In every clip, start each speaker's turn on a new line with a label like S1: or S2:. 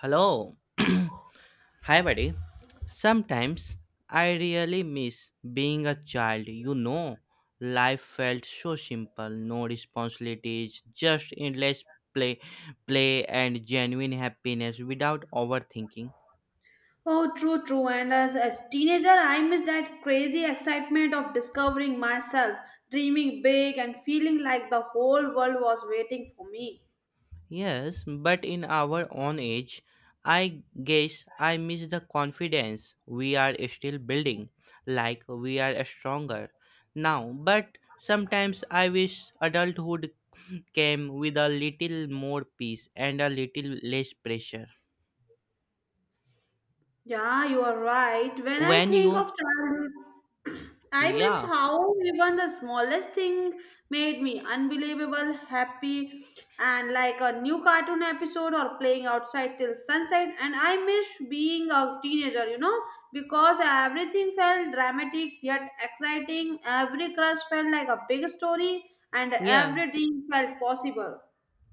S1: Hello. Hi, buddy. Sometimes I really miss being a child. Life felt so simple, no responsibilities, just endless play, play and genuine happiness without overthinking.
S2: Oh, true. And as a teenager, I miss that crazy excitement of discovering myself, dreaming big, and feeling like the whole world was waiting for me.
S1: Yes, but in our own age, I guess I miss the confidence we are still building, like we are stronger now. But sometimes I wish adulthood came with a little more peace and a little less pressure.
S2: Yeah, you are right. When I
S1: When
S2: think
S1: you,
S2: of childhood, I miss
S1: yeah,
S2: how even the smallest thing made me unbelievable, happy, and like a new cartoon episode or playing outside till sunset. And I miss being a teenager, because everything felt dramatic yet exciting. Every crush felt like a big story, and
S1: yeah,
S2: every dream felt possible.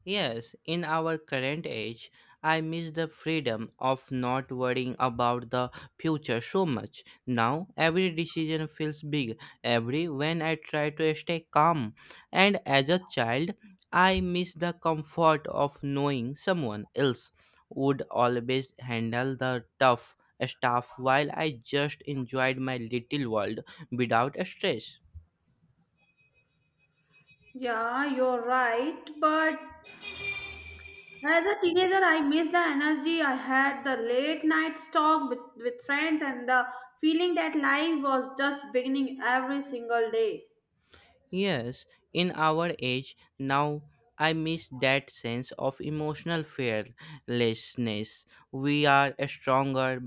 S1: Yes, in our current age, I miss the freedom of not worrying about the future so much. Now, every decision feels big, every when I try to stay calm. And as a child, I miss the comfort of knowing someone else would always handle the tough stuff while I just enjoyed my little world without stress.
S2: Yeah, you're right, but as a teenager, I miss the energy I had, the late night talk with friends, and the feeling that life was just beginning every single day.
S1: Yes, in our age now, I miss that sense of emotional fearlessness. We are stronger,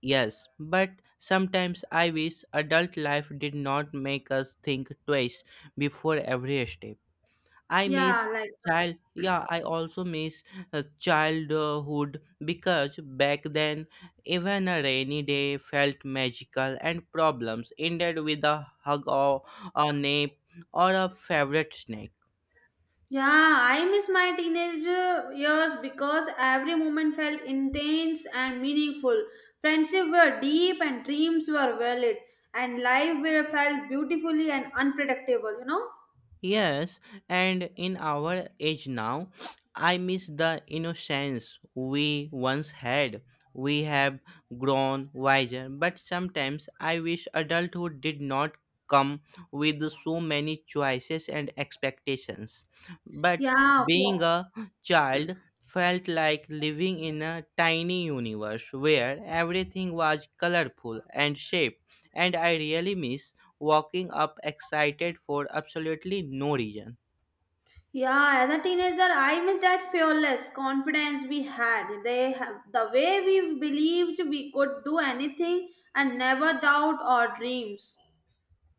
S1: yes, but sometimes I wish adult life did not make us think twice before every step. I
S2: Yeah,
S1: miss
S2: like,
S1: child. Yeah, I also miss childhood because back then, even a rainy day felt magical and problems ended with a hug or a nap or a favorite snack.
S2: yeah, I miss my teenage years because every moment felt intense and meaningful. Friendships were deep and dreams were valid, and life were felt beautifully and unpredictable, you know?
S1: Yes, and in our age now, I miss the innocence we once had. We have grown wiser, but sometimes I wish adulthood did not come with so many choices and expectations. But
S2: Yeah, yeah.
S1: being a child felt like living in a tiny universe where everything was colorful and shaped, and I really miss walking up excited for absolutely no reason.
S2: Yeah, as a teenager, I miss that fearless confidence we had. They have the way we believed we could do anything and never doubt our dreams.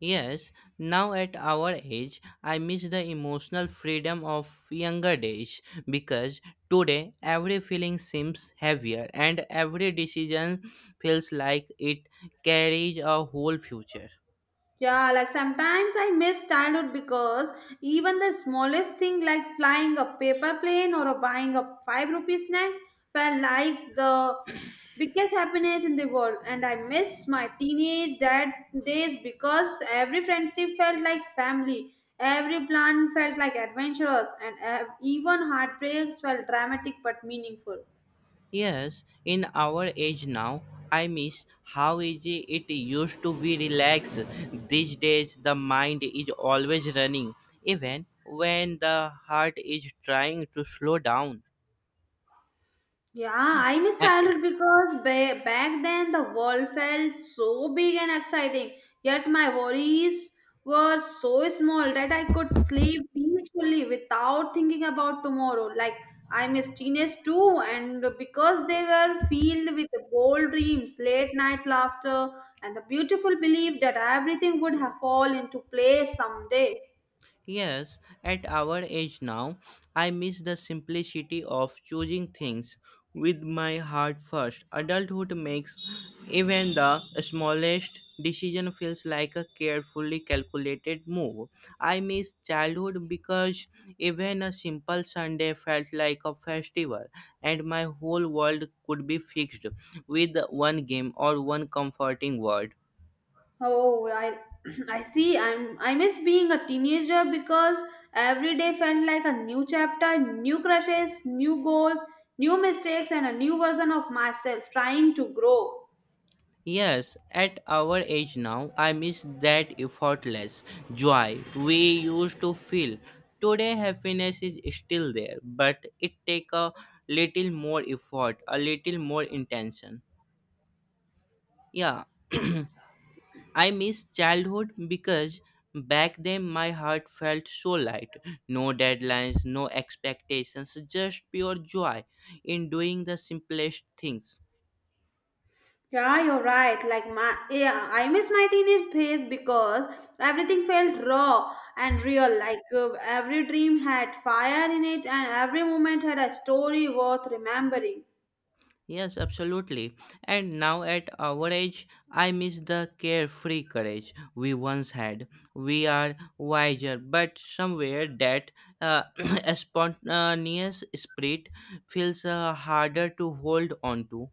S1: Yes, now at our age, I miss the emotional freedom of younger days because today every feeling seems heavier and every decision feels like it carries a whole future.
S2: Yeah, like sometimes I miss childhood because even the smallest thing like flying a paper plane or a buying a five rupee snack felt like the biggest happiness in the world. And I miss my teenage dad days because every friendship felt like family, every plan felt like adventurous, and even heartbreaks felt dramatic but meaningful.
S1: Yes, in our age now, I miss how easy it used to be relax. These days, the mind is always running, even when the heart is trying to slow down.
S2: Yeah, I miss childhood because back then the world felt so big and exciting. Yet my worries were so small that I could sleep peacefully without thinking about tomorrow. Like I miss teenage too, and because they were filled with bold dreams, late night laughter, and the beautiful belief that everything would have fall into place someday.
S1: Yes, at our age now, I miss the simplicity of choosing things with my heart first. Adulthood makes even the smallest decision feels like a carefully calculated move. I miss childhood because even a simple Sunday felt like a festival and my whole world could be fixed with one game or one comforting word.
S2: Oh, I I see. I miss being a teenager because every day felt like a new chapter, new crushes, new goals, new mistakes, and a new version of myself trying to grow.
S1: Yes, at our age now, I miss that effortless joy we used to feel. Today, happiness is still there, but it take a little more effort, a little more intention. Yeah,
S2: Yeah,
S1: I miss childhood because back then my heart felt so light. No deadlines, no expectations, just pure joy in doing the simplest things.
S2: yeah, you're right. I miss my teenage phase because everything felt raw and real. Like every dream had fire in it, and every moment had a story worth remembering.
S1: Yes, absolutely. And now at our age, I miss the carefree courage we once had. We are wiser, but somewhere that uh, a spontaneous spirit feels harder to hold on to.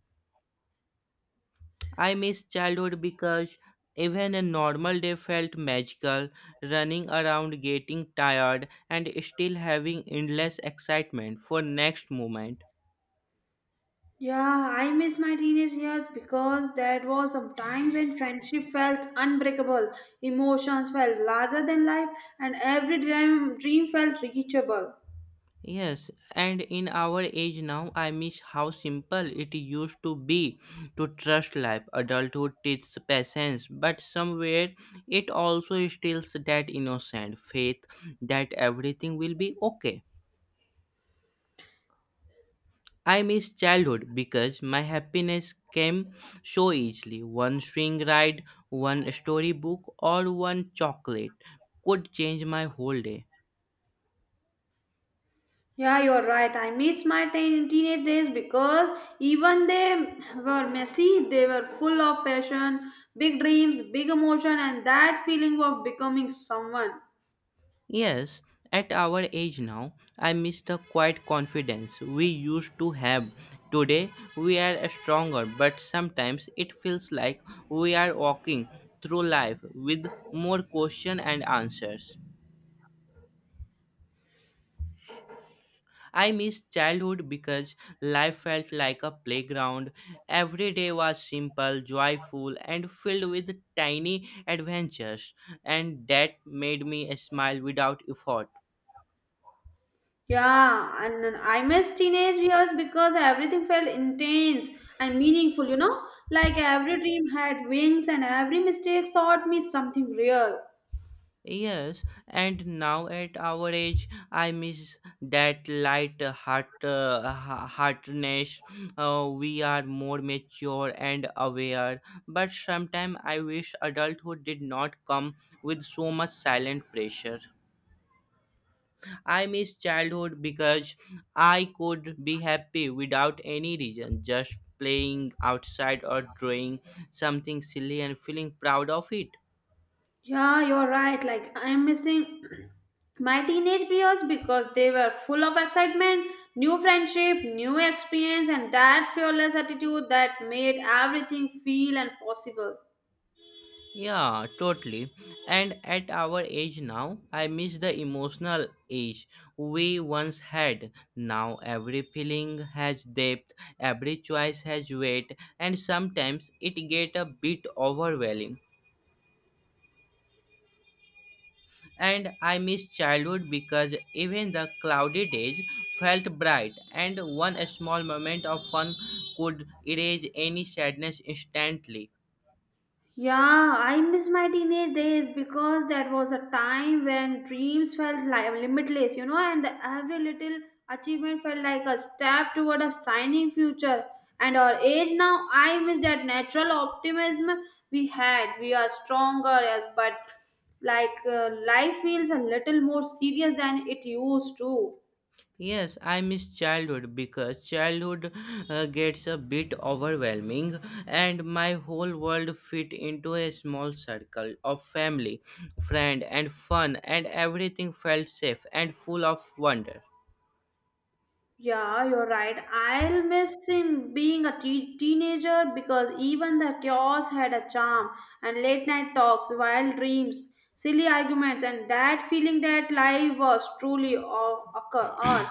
S1: I miss childhood because even a normal day felt magical, running around, getting tired, and still having endless excitement for next moment.
S2: Yeah, I miss my teenage years because that was the time when friendship felt unbreakable, emotions felt larger than life, and every dream felt reachable.
S1: Yes, and in our age now, I miss how simple it used to be to trust life. Adulthood teaches patience, but somewhere it also instills that innocent faith that everything will be okay. I miss childhood because my happiness came so easily. One swing ride, one storybook, or one chocolate could change my whole day.
S2: Yeah, you're right. I miss my teenage days because even they were messy, they were full of passion, big dreams, big emotion, and that feeling of becoming someone.
S1: Yes, at our age now, I miss the quiet confidence we used to have. Today, we are stronger, but sometimes it feels like we are walking through life with more questions and answers. I miss childhood because life felt like a playground. Every day was simple, joyful, and filled with tiny adventures, and that made me smile without effort.
S2: Yeah, and then I miss teenage years because everything felt intense and meaningful, you know? Like every dream had wings and every mistake taught me something real.
S1: Yes, and now at our age, I miss that light heartedness. We are more mature and aware, but sometimes I wish adulthood did not come with so much silent pressure. I miss childhood because I could be happy without any reason, just playing outside or drawing something silly and feeling proud of it.
S2: Yeah, you're right. Like I'm missing my teenage years because they were full of excitement, new friendship, new experience, and that fearless attitude that made everything feel and possible.
S1: Yeah, totally. And at our age now, I miss the emotional age we once had. Now every feeling has depth, every choice has weight, and sometimes it get a bit overwhelming. And I miss childhood because even the clouded age felt bright, and one small moment of fun could erase any sadness instantly.
S2: Yeah, I miss my teenage days because that was the time when dreams felt like limitless, you know, and every little achievement felt like a step toward a shining future. And our age now, I miss that natural optimism we had. We are stronger, yes, but like life feels a little more serious than it used to.
S1: Yes, I miss childhood because childhood gets a bit overwhelming and my whole world fit into a small circle of family, friend and fun and everything felt safe and full of wonder.
S2: Yeah, you're right. I'll miss him being a teenager because even the chaos had a charm and late night talks, wild dreams, silly arguments, and that feeling that life was truly ours.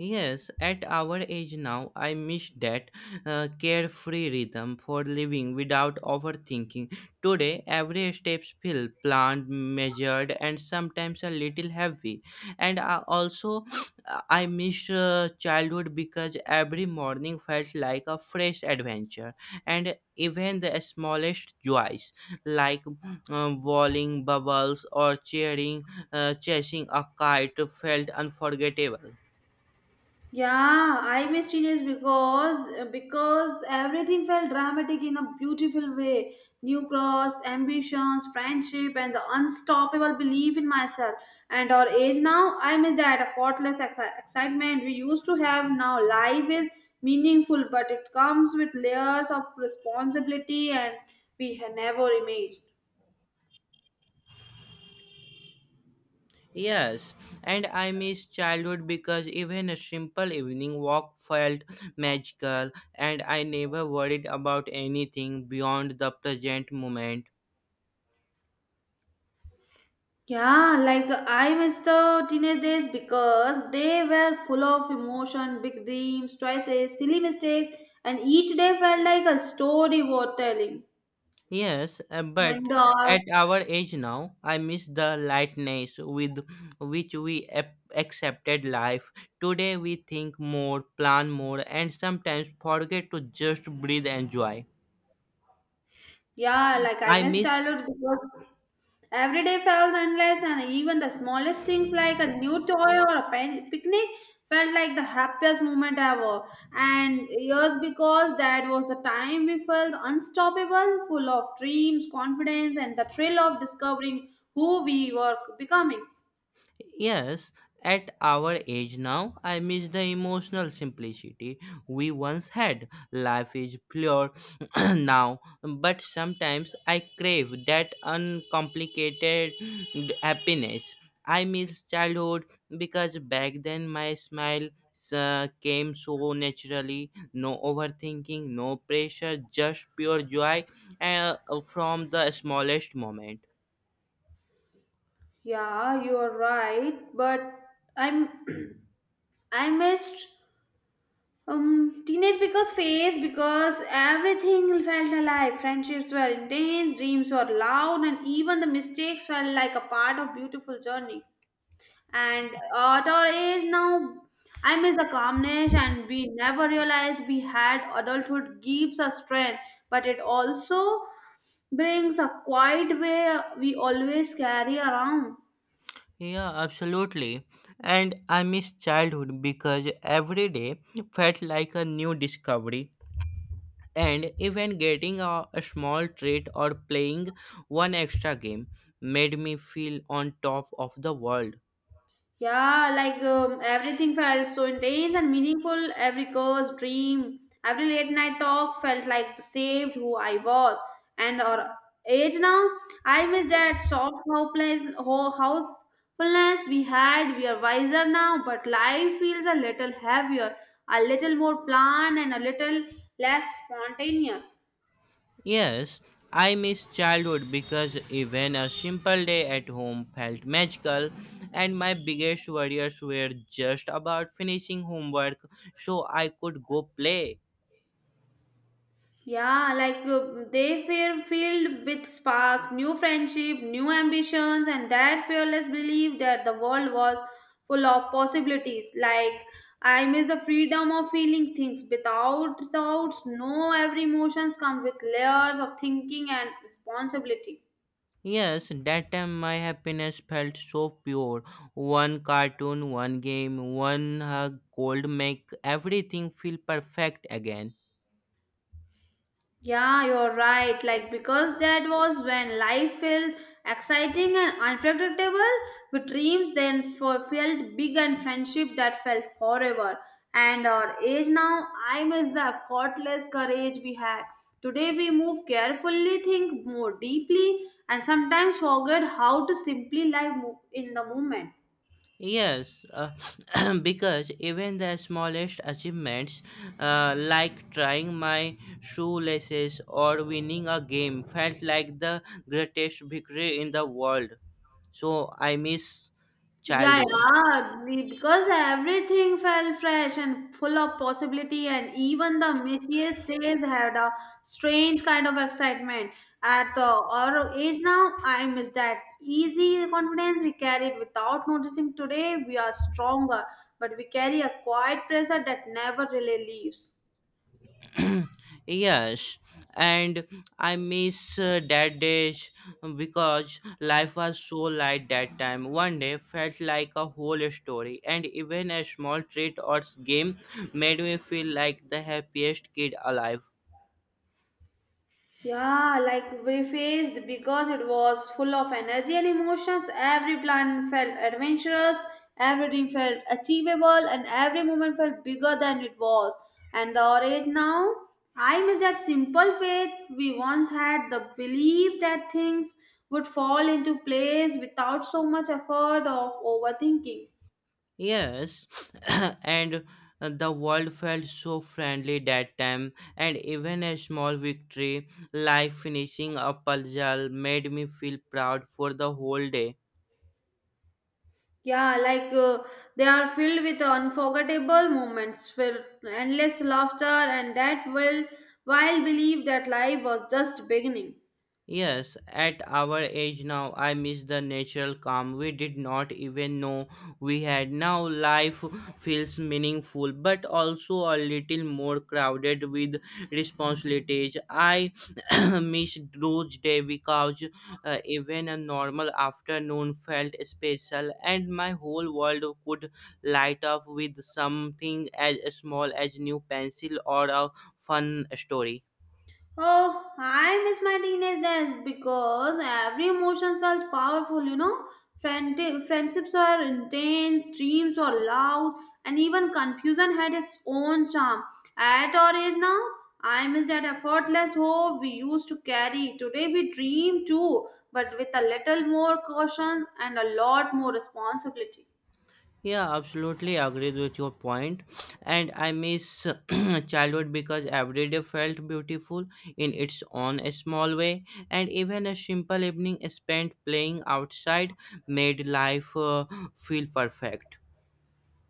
S1: Yes, at our age now, I miss that carefree rhythm for living without overthinking. Today, every step feels planned, measured, and sometimes a little heavy. And I also, I miss childhood because every morning felt like a fresh adventure, and even the smallest joys, like walling bubbles or chasing a kite, felt unforgettable.
S2: Yeah, I missed Genius because everything felt dramatic in a beautiful way. New cross, ambitions, friendship, and the unstoppable belief in myself. And our age now, I miss that a faultless excitement we used to have. Now life is meaningful, but it comes with layers of responsibility and we had never imagined.
S1: Yes, and I miss childhood because even a simple evening walk felt magical, and I never worried about anything beyond the present moment.
S2: Yeah, like I miss the teenage days because they were full of emotion, big dreams, choices, silly mistakes, and each day felt like a story worth telling.
S1: Yes, but
S2: And
S1: at our age now, I miss the lightness with which we accepted life. Today, we think more, plan more, and sometimes forget to just breathe and joy.
S2: Yeah, like I
S1: I
S2: miss
S1: miss
S2: childhood because every day felt endless, and even the smallest things like a new toy or a picnic felt like the happiest moment ever. And years because that was the time we felt unstoppable, full of dreams, confidence, and the thrill of discovering who we were becoming.
S1: Yes, at our age now, I miss the emotional simplicity we once had. Life is pure now, but sometimes I crave that uncomplicated happiness. I miss childhood because back then my smile came so naturally, no overthinking, no pressure, just pure joy uh, from the smallest moment.
S2: Yeah, you're right, but I'm I missed teenage because phase because everything felt alive. Friendships were intense, dreams were loud, and even the mistakes felt like a part of beautiful journey. And at our age now, I miss the calmness, and we never realized we had. Adulthood gives us strength, but it also brings a quiet way we always carry around.
S1: Yeah, absolutely. And I miss childhood because every day felt like a new discovery. And even getting a small treat or playing one extra game made me feel on top of the world.
S2: Yeah, like everything felt so intense and meaningful. Every curse, dream, every late night talk felt like saved who I was. And our age now, I miss that soft hopeless, hopefulness we had. We are wiser now, but life feels a little heavier, a little more planned, and a little less spontaneous.
S1: Yes, I miss childhood because even a simple day at home felt magical, and my biggest worries were just about finishing homework so I could go play.
S2: Yeah, like they were filled with sparks, new friendship, new ambitions, and that fearless belief that the world was full of possibilities. Like I miss the freedom of feeling things without thoughts. No, every emotions come with layers of thinking and responsibility.
S1: Yes, that time my happiness felt so pure. One cartoon, one game, one hug cold make everything feel perfect again.
S2: Yeah, you're right. Like, because that was when life felt exciting and unpredictable, with dreams then felt big and friendship that felt forever. And our age now, I miss the effortless courage we had. Today, we move carefully, think more deeply, and sometimes forget how to simply live in the moment.
S1: Yes, because even the smallest achievements, like trying my shoelaces or winning a game, felt like the greatest victory in the world. So I miss
S2: Yeah,
S1: childhood.
S2: yeah, because everything felt fresh and full of possibility, and even the messiest days had a strange kind of excitement. At the our age now, I miss that easy confidence we carried without noticing. Today, we are stronger, but we carry a quiet pressure that never really leaves.
S1: Yes, and I miss that days because life was so light that time. One day felt like a whole story, and even a small treat or game made me feel like the happiest kid alive.
S2: Yeah, like we faced because it was full of energy and emotions. Every plan felt adventurous, everything felt achievable, and every moment felt bigger than it was. And the age now, I miss that simple faith we once had the belief that things would fall into place without so much effort of overthinking.
S1: Yes, and the world felt so friendly that time, and even a small victory like finishing a puzzle made me feel proud for the whole day.
S2: Yeah, like they are filled with unforgettable moments, with endless laughter, and that will while believe that life was just beginning.
S1: Yes, at our age now, I miss the natural calm. We did not even know we had. Now life feels meaningful, but also a little more crowded with responsibilities. I miss those days because even a normal afternoon felt special, and my whole world could light up with something as small as new pencil or a fun story.
S2: Oh, I miss my teenage days because every emotions felt powerful, you know. Friend- friendships were intense, dreams were loud, and even confusion had its own charm. At our age now, I miss that effortless hope we used to carry. Today we dream too, but with a little more caution and a lot more responsibility.
S1: Yeah, absolutely agreed with your point. And I miss childhood because every day felt beautiful in its own small way. And even a simple evening spent playing outside made life feel perfect.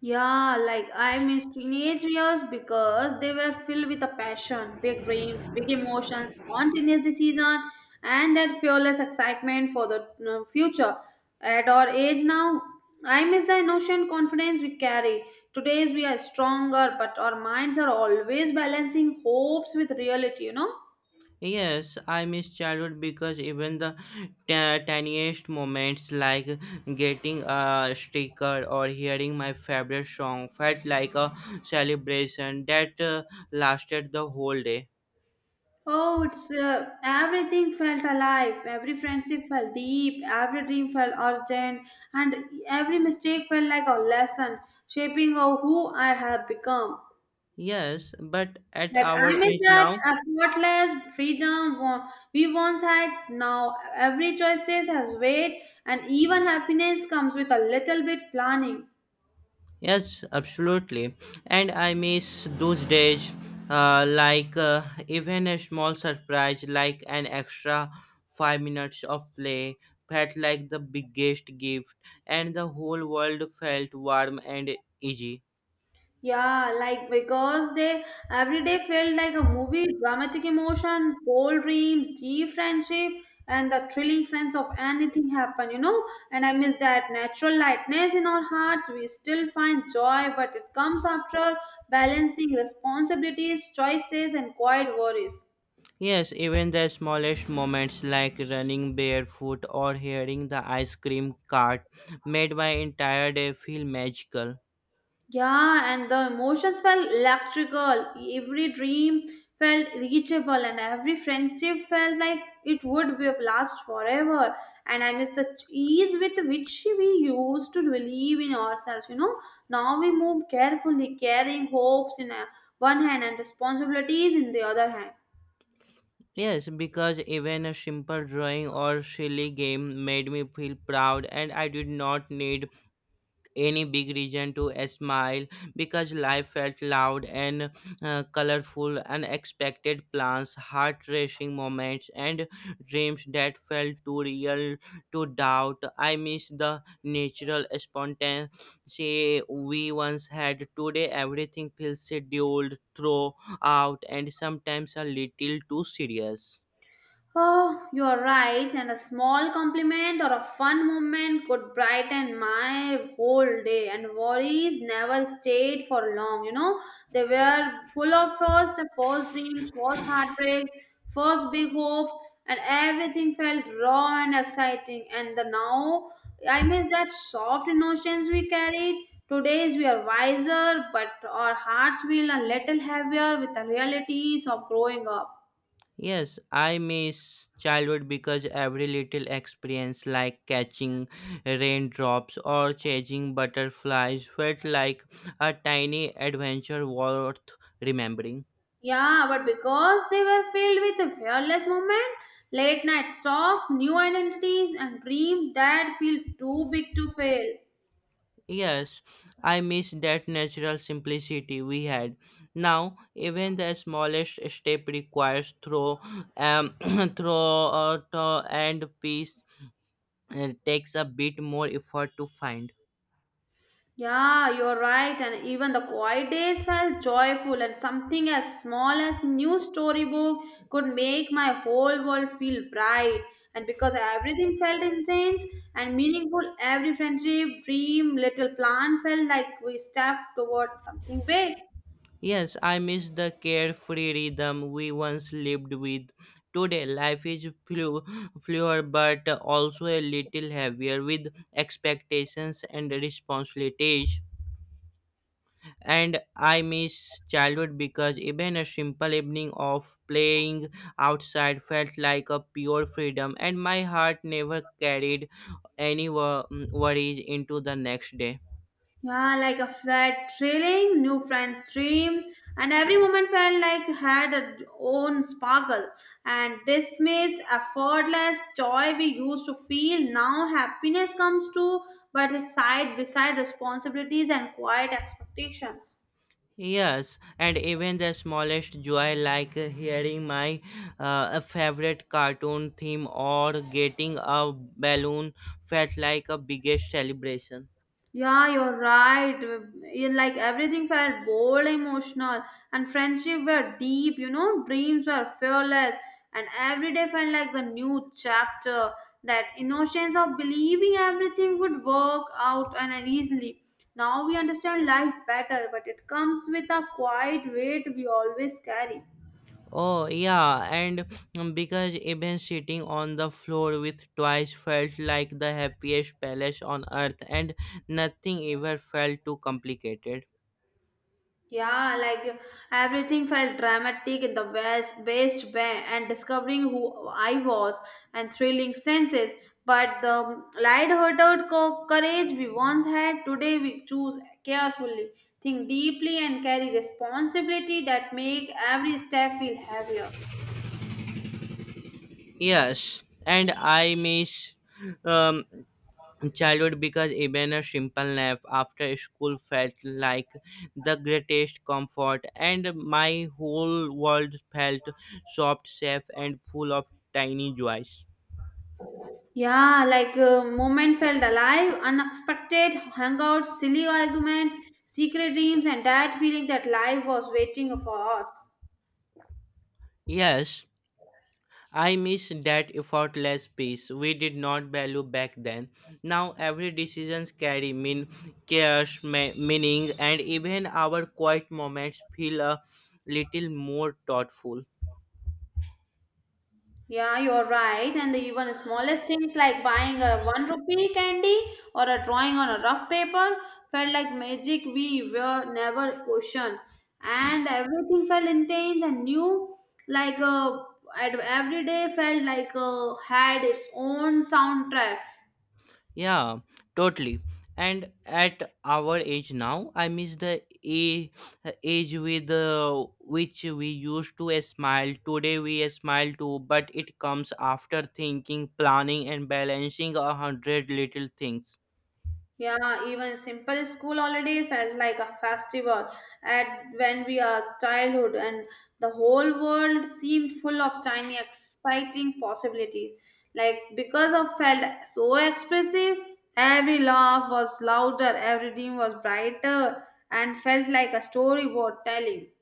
S2: Yeah, like I miss teenage years because they were filled with a passion, big dreams, big emotions, spontaneous decision, and that fearless excitement for the future. At our age now, I miss the innocent confidence we carry. Today's we are stronger, but our minds are always balancing hopes with reality. You know.
S1: Yes, I miss childhood because even the tiniest moments like getting a sticker or hearing my favorite song felt like a celebration that lasted the whole day.
S2: Oh, it's everything felt alive. Every friendship felt deep. Every dream felt urgent, and every mistake felt like a lesson, shaping of who I have become.
S1: Yes, but at
S2: That
S1: our
S2: I miss
S1: age
S2: that
S1: now,
S2: effortless freedom we once had. Now every choice has weight, and even happiness comes with a little bit planning.
S1: yes, absolutely. And I miss those days, like even a small surprise, like an extra 5 minutes of play, felt like the biggest gift, and the whole world felt warm and easy.
S2: Yeah, like because they every day felt like a movie, dramatic emotion, bold dreams, deep friendship, and the thrilling sense of anything happen, you know. And I miss that natural lightness in our hearts. We still find joy, but it comes after balancing responsibilities, choices, and quiet worries.
S1: Yes, even the smallest moments like running barefoot or hearing the ice cream cart made my entire day feel magical.
S2: Yeah, and the emotions felt electrical. Every dream felt reachable, and every friendship felt like it would be of last forever. And I miss the ease with which we used to believe in ourselves. You know, now we move carefully, carrying hopes in one hand and responsibilities in the other hand.
S1: Yes, because even a simple drawing or silly game made me feel proud, and I did not need any big reason to smile because life felt loud and colorful, unexpected plans, heart racing moments, and dreams that felt too real to doubt. I miss the natural spontaneity we once had. Today, everything feels scheduled, thrown out, and sometimes a little too serious.
S2: Oh, you are right, and a small compliment or a fun moment could brighten my whole day. And worries never stayed for long, you know. They were full of first dreams, first heartbreak, first big hopes, and everything felt raw and exciting. And the now, I miss that soft emotions we carried. Today's we are wiser, but our hearts feel a little heavier with the realities of growing up.
S1: Yes, I miss childhood because every little experience, like catching raindrops or chasing butterflies, felt like a tiny adventure worth remembering.
S2: Yeah, but because they were filled with a fearless movement, late night stalks, new identities, and dreams that feel too big to fail.
S1: Yes, I miss that natural simplicity we had. Now, even the smallest step requires um, throw and peace takes a bit more effort to find.
S2: Yeah, you're right, and even the quiet days felt joyful, and something as small as new storybook could make my whole world feel bright. And because everything felt intense and meaningful, every friendship, dream, little plan felt like we stepped towards something big.
S1: Yes, I miss the carefree rhythm we once lived with. Today, life is fluid but also a little heavier with expectations and responsibilities. And I miss childhood because even a simple evening of playing outside felt like a pure freedom, and my heart never carried any worries into the next day.
S2: Yeah, like a flat thrilling, new friends stream, and every moment felt like had a own sparkle. And dismiss, effortless joy we used to feel. Now happiness comes to, but it's side beside responsibilities and quiet expectations.
S1: Yes, and even the smallest joy, like hearing my favorite cartoon theme or getting a balloon, felt like a biggest celebration.
S2: Yeah, you're right. You like everything felt bold, emotional, and friendship were deep. You know, dreams were fearless, and every day felt like the new chapter. That innocence of believing everything would work out and easily. Now we understand life better, but it comes with a quiet weight we always carry.
S1: Oh, yeah, and because even sitting on the floor with toys felt like the happiest palace on earth, and nothing ever felt too complicated.
S2: Yeah, like everything felt dramatic in the best, best way, and discovering who I was and thrilling senses. But the light-hearted courage we once had, today we choose carefully, think deeply, and carry responsibility that make every step feel heavier.
S1: Yes, and I miss. Um, Childhood because even a simple nap after school felt like the greatest comfort, and my whole world felt soft, safe, and full of tiny joys.
S2: Yeah, like moment felt alive, unexpected hangouts, silly arguments, secret dreams, and that feeling that life was waiting for us.
S1: Yes, I miss that effortless peace we did not value back then. Now every decision carry mean cares, meaning, and even our quiet moments feel a little more thoughtful.
S2: Yeah, you're right. And the even smallest things like buying a 1 rupee candy or a drawing on a rough paper felt like magic we were never questioned. And everything felt intense and new, like uh, every day felt like had its own soundtrack.
S1: Yeah, totally. And at our age now, I miss the a- age with which we used to smile. Today we smile too, but it comes after thinking, planning, and balancing a hundred little things.
S2: Yeah, even simple school holiday felt like a festival at when we are childhood and the whole world seemed full of tiny exciting possibilities. Like because I felt so expressive, every laugh was louder, every dream was brighter and felt like a storyboard telling.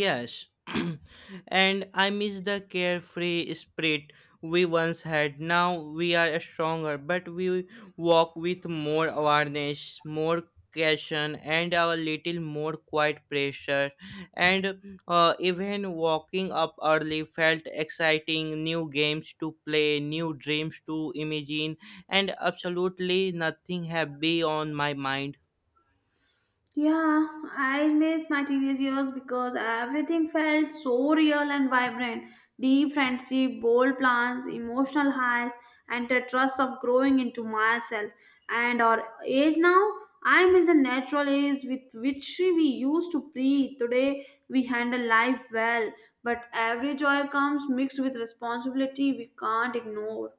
S1: Yes, and I miss the carefree spirit we once had. Now we are stronger, but we walk with more awareness, more caution, and a little more quiet pressure. And even walking up early felt exciting. New games to play, new dreams to imagine, and absolutely nothing heavy on my mind.
S2: Yeah, I miss my teenage years because everything felt so real and vibrant. Deep friendship, bold plans, emotional highs, and the trust of growing into myself. And our age now, I miss the natural ease with which we used to breathe. Today, we handle life well, but every joy comes mixed with responsibility we can't ignore.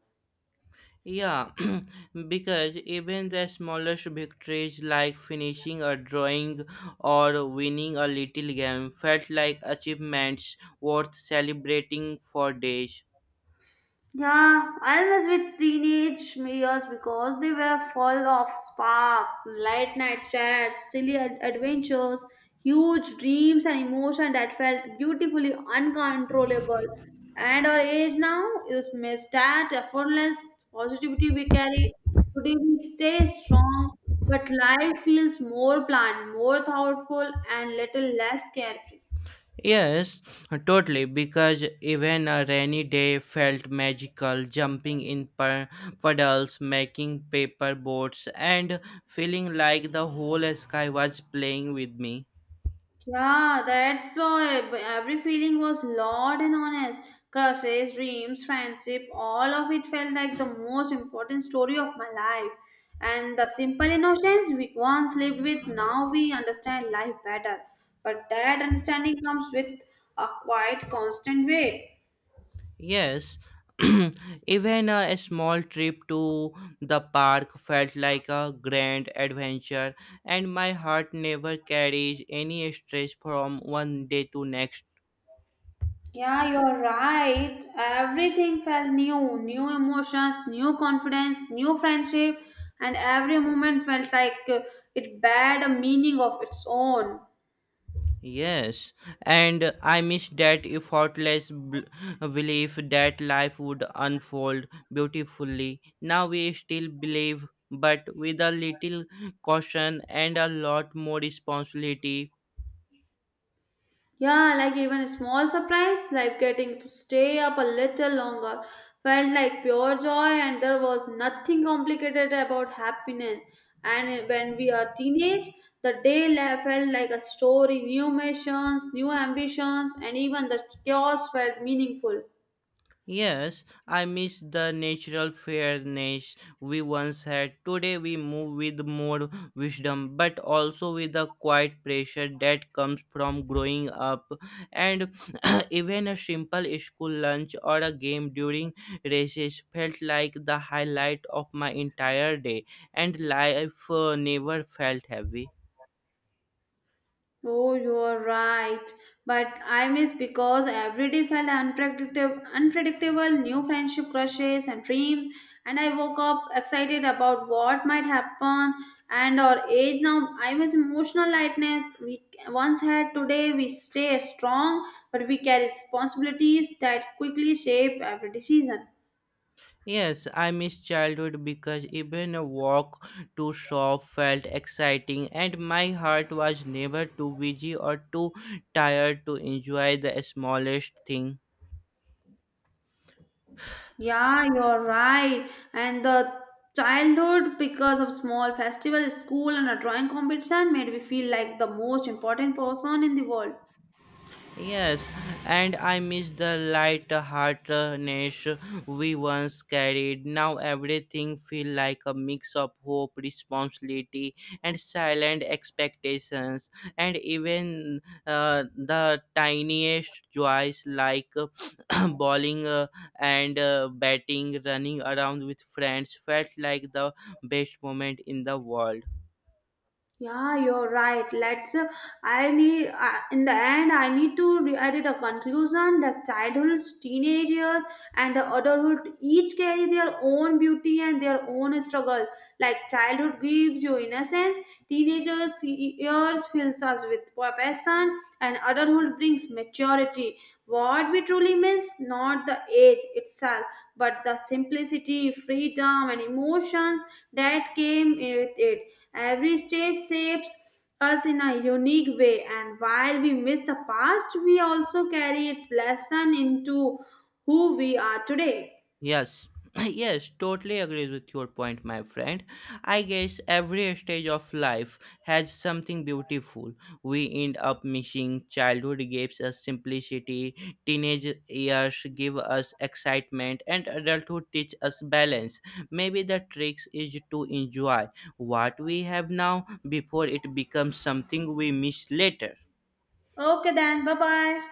S1: Yeah, because even the smallest victories like finishing a drawing or winning a little game felt like achievements worth celebrating for days.
S2: Yeah, I was with teenage years because they were full of spark, late night chats, silly adventures, huge dreams and emotion that felt beautifully uncontrollable. And our age now is missed that effortless positivity we carry. Today we stay strong, but life feels more planned, more thoughtful and little less carefree.
S1: Yes, totally, because even a rainy day felt magical, jumping in puddles, making paper boats, and feeling like the whole sky was playing with me.
S2: Yeah, that's why every feeling was loud and honest. Crushes, dreams, friendship, all of it felt like the most important story of my life. And the simple innocence we once lived with, now we understand life better. But that understanding comes with a quite constant weight.
S1: Yes, even a small trip to the park felt like a grand adventure, and my heart never carries any stress from one day to next.
S2: Yeah, you're right. Everything felt new new emotions, new confidence, new friendship, and every moment felt like it had a meaning of its own.
S1: Yes, and I miss that effortless belief that life would unfold beautifully. Now we still believe, but with a little caution and a lot more responsibility.
S2: Yeah, like even a small surprise, like getting to stay up a little longer, felt like pure joy, and there was nothing complicated about happiness. And when we are teenage, the felt like a story, new missions, new ambitions, and even the chaos felt meaningful.
S1: Yes, I miss the natural fairness we once had. Today we move with more wisdom, but also with the quiet pressure that comes from growing up. And even a simple school lunch or a game during races felt like the highlight of my entire day, and life never felt heavy.
S2: Oh, you are right. But I miss because every day felt unpredictable, unpredictable new friendship crushes and dreams. And I woke up excited about what might happen. And our age now, I miss emotional lightness we once had. Today, we stay strong, but we carry responsibilities that quickly shape every decision.
S1: Yes, I miss childhood because even a walk to shop felt exciting and my heart was never too busy or too tired to enjoy the smallest thing.
S2: Yeah, you're right. And the childhood, because of small festival, school, and a drawing competition, made me feel like the most important person in the world.
S1: Yes, and I miss the light heartedness we once carried. Now everything feel like a mix of hope, responsibility, and silent expectations. And even the tiniest joys, like bowling and batting, running around with friends, felt like the best moment in the world.
S2: Yeah, you're right. Let's. I need. In the end, I need to edit a conclusion that childhoods, teenage years, and the adulthood each carry their own beauty and their own struggles. Like childhood gives you innocence, teenagers years fills us with passion, and adulthood brings maturity. What we truly miss, not the age itself, but the simplicity, freedom, and emotions that came with it. Every stage shapes us in a unique way, and while we miss the past, we also carry its lesson into who we are today.
S1: Yes, yes, totally agrees with your point, my friend. I guess every stage of life has something beautiful. We end up missing. Childhood gives us simplicity, teenage years give us excitement, and adulthood teach us balance. Maybe the trick is to enjoy what we have now before it becomes something we miss later.
S2: Okay, then, bye bye.